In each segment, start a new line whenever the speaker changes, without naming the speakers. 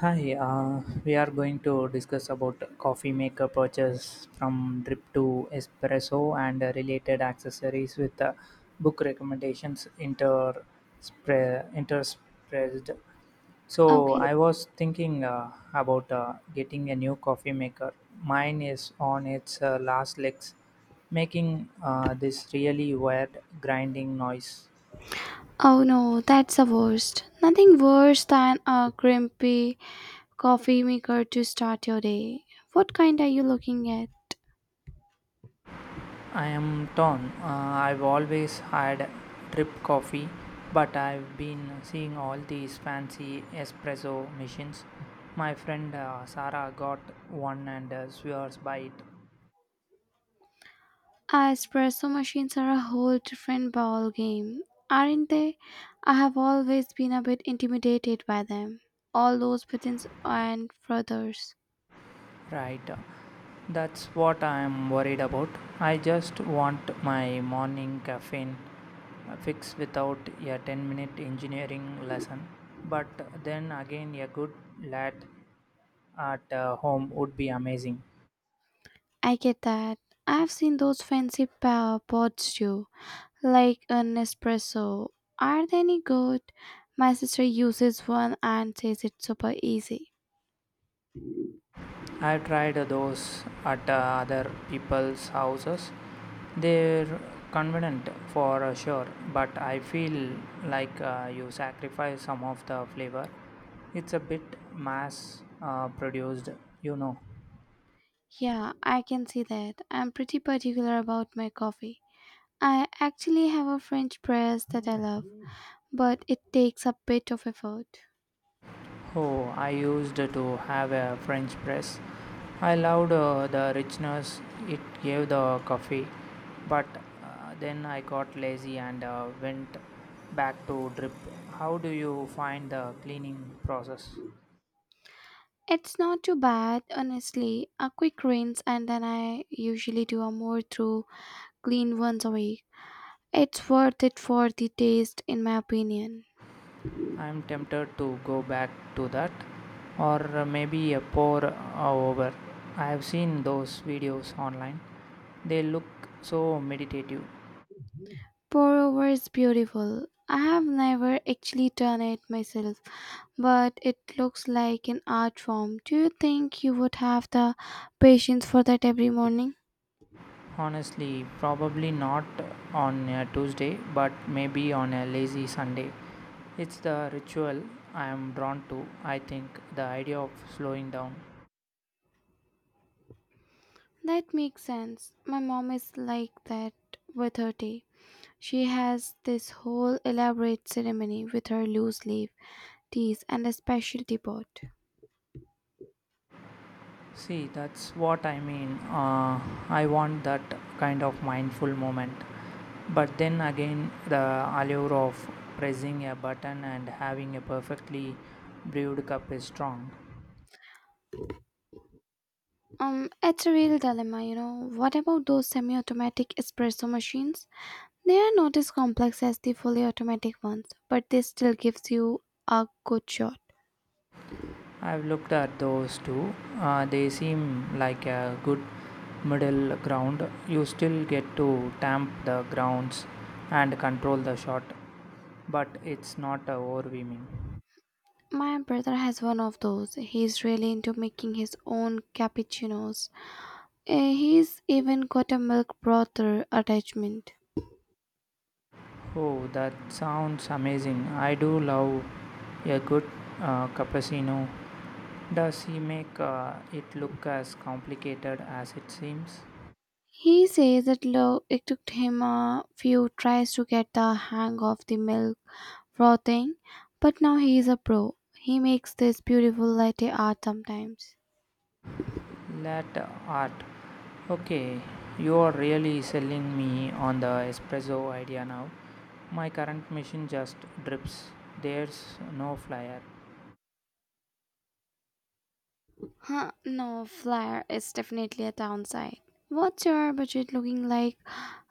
Hi, we are going to discuss about coffee maker purchase from drip to espresso and related accessories with book recommendations interspersed. So
Okay.
I was thinking about getting a new coffee maker. Mine is on its last legs, making this really weird grinding noise.
Oh no, that's the worst. Nothing worse than a grumpy coffee maker to start your day. What kind are you looking at?
I am torn. I've always had drip coffee, but I've been seeing all these fancy espresso machines. My friend Sarah got one and swears by it.
Espresso machines are a whole different ball game, aren't they? I have always been a bit intimidated by them. All those buttons and frothers.
Right. That's what I am worried about. I just want my morning caffeine fix without a 10-minute engineering lesson. But then again, a good lad at home would be amazing.
I get that. I've seen those fancy power pods too, like an espresso. Are they any good? My sister uses one and says it's super easy.
I tried those at other people's houses. They're convenient for sure, but I feel like you sacrifice some of the flavor. It's a bit mass produced, you know.
Yeah, I can see that. I'm pretty particular about my coffee. I actually have a French press that I love, but it takes a bit of effort.
Oh, I used to have a French press. I loved the richness it gave the coffee, but then I got lazy and went back to drip. How do you find the cleaning process?
It's not too bad, honestly. A quick rinse, and then I usually do a more thorough clean once a week. It's worth it for the taste, in my opinion.
I'm tempted to go back to that, or maybe a pour over. I have seen those videos online. They look so meditative.
Pour over is beautiful. I have never actually done it myself, but it looks like an art form. Do you think you would have the patience for that every morning?
Honestly, probably not on a Tuesday, but maybe on a lazy Sunday. It's the ritual I am drawn to, I think, the idea of slowing down.
That makes sense. My mom is like that with her tea. She has this whole elaborate ceremony with her loose leaf teas and a specialty pot.
See, that's what I mean. I want that kind of mindful moment. But then again, the allure of pressing a button and having a perfectly brewed cup is strong.
It's a real dilemma, you know. What about those semi automatic espresso machines? They are not as complex as the fully automatic ones, but they still gives you a good shot.
I've looked at those too. They seem like a good middle ground. You still get to tamp the grounds and control the shot, but it's not overwhelming.
My brother has one of those. He's really into making his own cappuccinos. He's even got a milk frother attachment.
Oh, that sounds amazing. I do love a good cappuccino. Does he make it look as complicated as it seems?
He says that it took him a few tries to get the hang of the milk frothing, but now he is a pro. He makes this beautiful latte art sometimes.
Latte art. Okay, you are really selling me on the espresso idea now. My current machine just drips. There's no flyer.
No, flyer is definitely a downside. What's your budget looking like?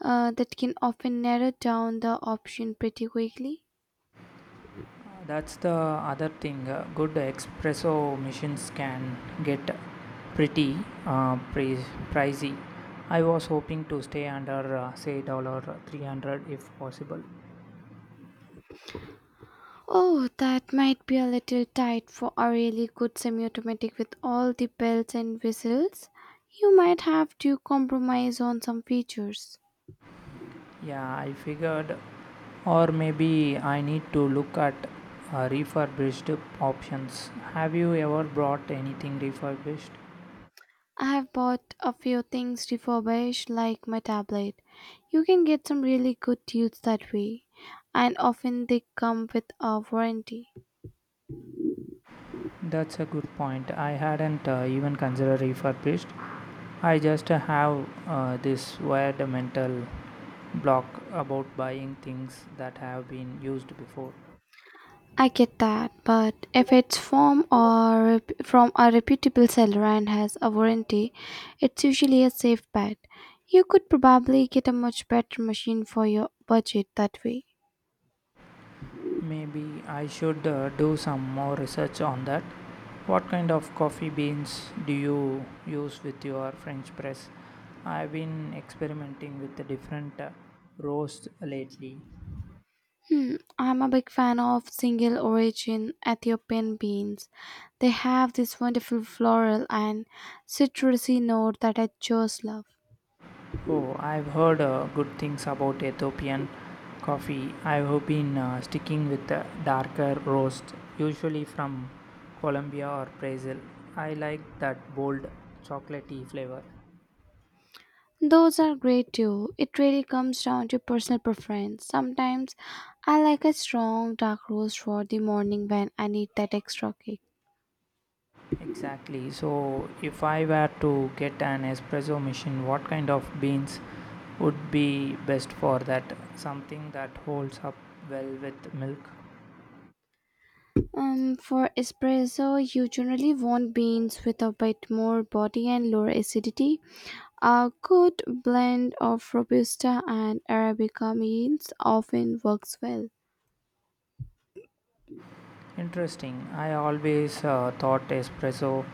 That can often narrow down the option pretty quickly.
That's the other thing. Good espresso machines can get pretty uh, pri- pricey. I was hoping to stay under say $300 if possible.
Oh, that might be a little tight for a really good semi-automatic with all the bells and whistles. You might have to compromise on some features.
Yeah, I figured, or maybe I need to look at refurbished options. Have you ever brought anything refurbished?
I have bought a few things refurbished like my tablet. You can get some really good deals that way, and often they come with a warranty.
That's a good point. I hadn't even considered refurbished. I just have this weird mental block about buying things that have been used before.
I get that, but if it's from a reputable seller and has a warranty, it's usually a safe bet. You could probably get a much better machine for your budget that way.
Maybe I should do some more research on that. What kind of coffee beans do you use with your French press? I've been experimenting with the different roasts lately.
I'm a big fan of single origin Ethiopian beans. They have this wonderful floral and citrusy note that I just love.
Oh, I've heard good things about Ethiopian coffee. I've been sticking with the darker roast, usually from Colombia or Brazil. I like that bold chocolatey flavor.
Those are great too. It really comes down to personal preference. Sometimes I like a strong dark roast for the morning when I need that extra kick.
Exactly. So, if I were to get an espresso machine, what kind of beans would be best for that? Something that holds up well with milk?
For espresso, you generally want beans with a bit more body and lower acidity. A good blend of Robusta and Arabica beans often works well.
Interesting. I always thought espresso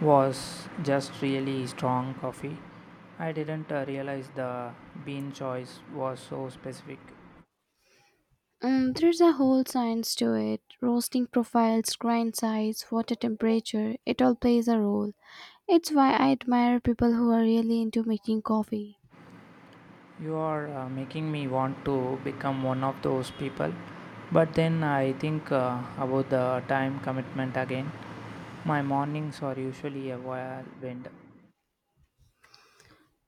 was just really strong coffee. I didn't realize the bean choice was so specific.
There's a whole science to it. Roasting profiles, grind size, water temperature, it all plays a role. It's why I admire people who are really into making coffee.
You are making me want to become one of those people. But then I think about the time commitment again. My mornings are usually a whirlwind.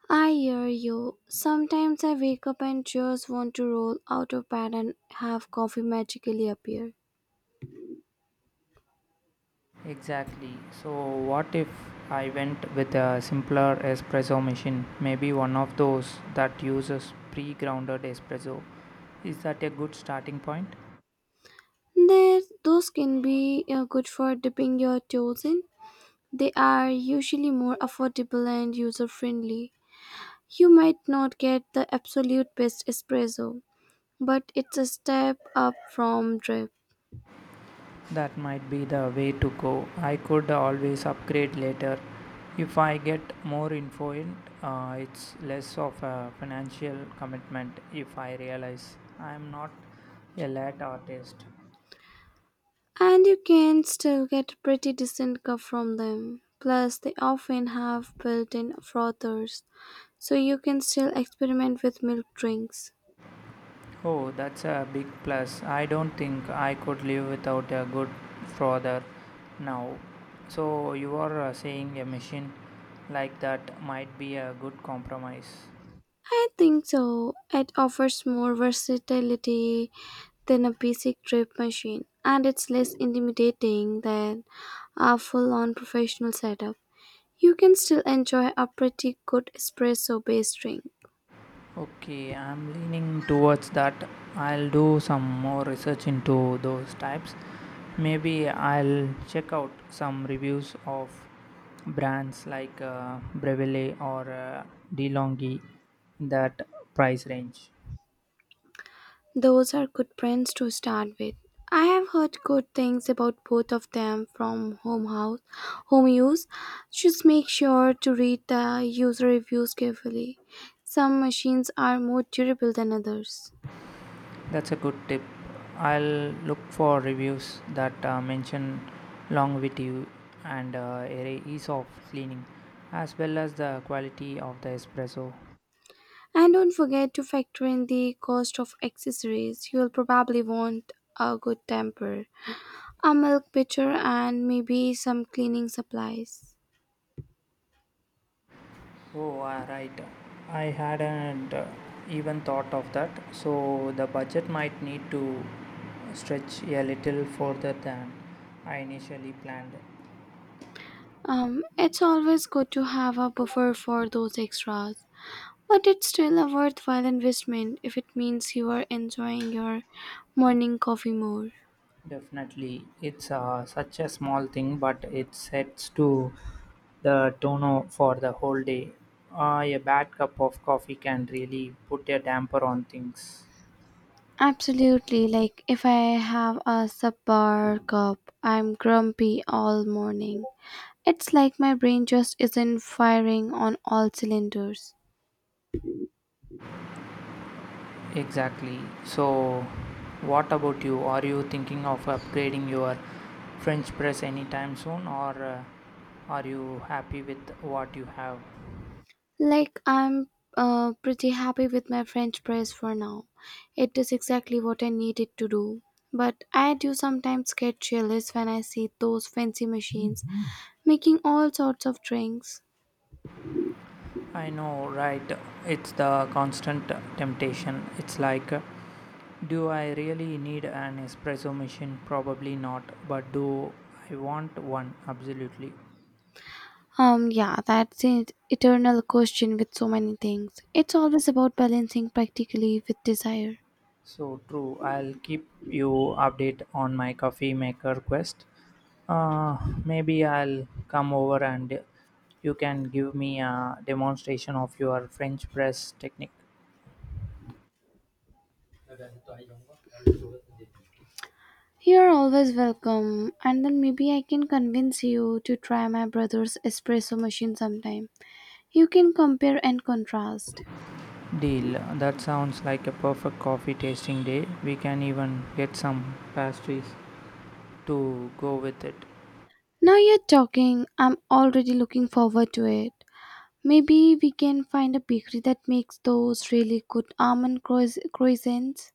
I hear you. Sometimes I wake up and just want to roll out of bed and have coffee magically appear.
Exactly. So, what if I went with a simpler espresso machine? Maybe one of those that uses pre grounded espresso. Is that a good starting point?
There, those can be good for dipping your toes in. They are usually more affordable and user friendly. You might not get the absolute best espresso, but it's a step up from drip.
That might be the way to go. I could always upgrade later. If I get more info in, it's less of a financial commitment if I realize I'm not a late artist.
And you can still get a pretty decent cup from them. Plus, they often have built in frothers, so you can still experiment with milk drinks.
Oh, that's a big plus. I don't think I could live without a good father now. So, you are saying a machine like that might be a good compromise.
I think so. It offers more versatility than a basic drip machine, and it's less intimidating than a full on professional setup. You can still enjoy a pretty good espresso based drink.
Okay, I'm leaning towards that. I'll do some more research into those types. Maybe I'll check out some reviews of brands like Breville or DeLonghi in that price range.
Those are good brands to start with. I have heard good things about both of them from home use. Just make sure to read the user reviews carefully. Some machines are more durable than others.
That's a good tip. I'll look for reviews that mention longevity and ease of cleaning, as well as the quality of the espresso.
And don't forget to factor in the cost of accessories. You'll probably want a good temper, a milk pitcher, and maybe some cleaning supplies.
Oh, right. I hadn't even thought of that. So the budget might need to stretch a little further than I initially planned.
It's always good to have a buffer for those extras. But it's still a worthwhile investment if it means you are enjoying your morning coffee more.
Definitely, it's such a small thing, but it sets to the tone for the whole day. A bad cup of coffee can really put a damper on things.
Absolutely, like if I have a subpar cup, I'm grumpy all morning. It's like my brain just isn't firing on all cylinders.
Exactly. So, what about you? Are you thinking of upgrading your French press anytime soon, or are you happy with what you have?
Like I'm pretty happy with my French press for now. It is exactly what I needed to do. But I do sometimes get jealous when I see those fancy machines making all sorts of drinks.
I know, right? It's the constant temptation. It's like, do I really need an espresso machine? Probably not, but do I want one? Absolutely.
Yeah, that's an eternal question with so many things. It's always about balancing practically with desire.
So true. I'll keep you update on my coffee maker quest. Uh, maybe I'll come over and you can give me a demonstration of your French press technique.
You're always welcome, and then maybe I can convince you to try my brother's espresso machine sometime. You can compare and contrast.
Deal. That sounds like a perfect coffee tasting day. We can even get some pastries to go with it.
Now you're talking, I'm already looking forward to it. Maybe we can find a bakery that makes those really good almond croissants.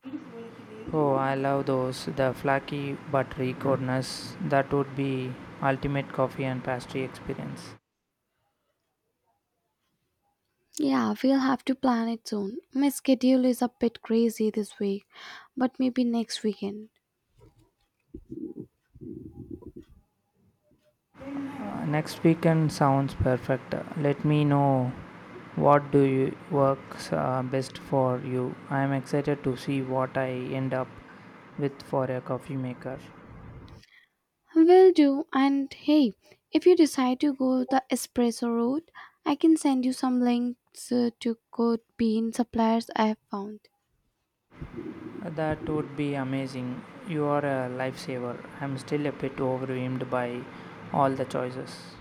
Oh, I love those. The flaky buttery goodness. That would be ultimate coffee and pastry experience.
Yeah, we'll have to plan it soon. My schedule is a bit crazy this week, but maybe next weekend.
Next weekend sounds perfect. Let me know what do you works best for you. I am excited to see what I end up with for a coffee maker.
Will do. And hey, if you decide to go the espresso route, I can send you some links to good bean suppliers I have found.
That would be amazing. You are a lifesaver. I'm still a bit overwhelmed by all the choices.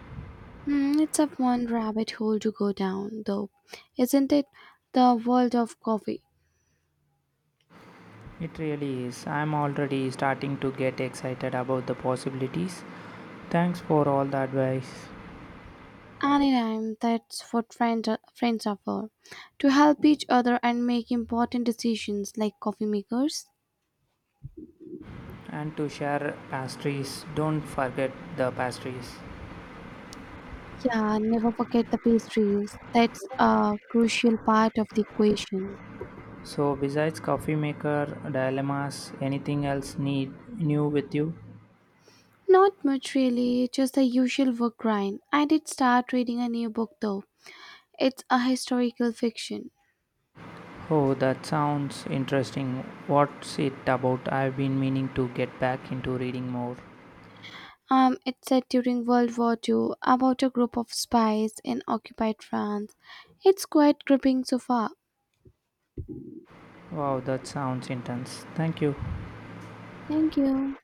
It's a fun rabbit hole to go down, though, isn't it? The world of coffee.
It really is. I'm already starting to get excited about the possibilities. Thanks for all the advice.
Anytime, that's what friends are for. To help each other and make important decisions like coffee makers.
And to share pastries, don't forget the pastries.
Yeah, never forget the pastries. That's a crucial part of the equation.
So, besides coffee maker dilemmas, anything else need new with you?
Not much really, just the usual work grind. I did start reading a new book though. It's a historical fiction.
Oh, that sounds interesting. What's it about? I've been meaning to get back into reading more.
It's set during World War II about a group of spies in occupied France. It's quite gripping so far.
Wow, that sounds intense. Thank you.
Thank you.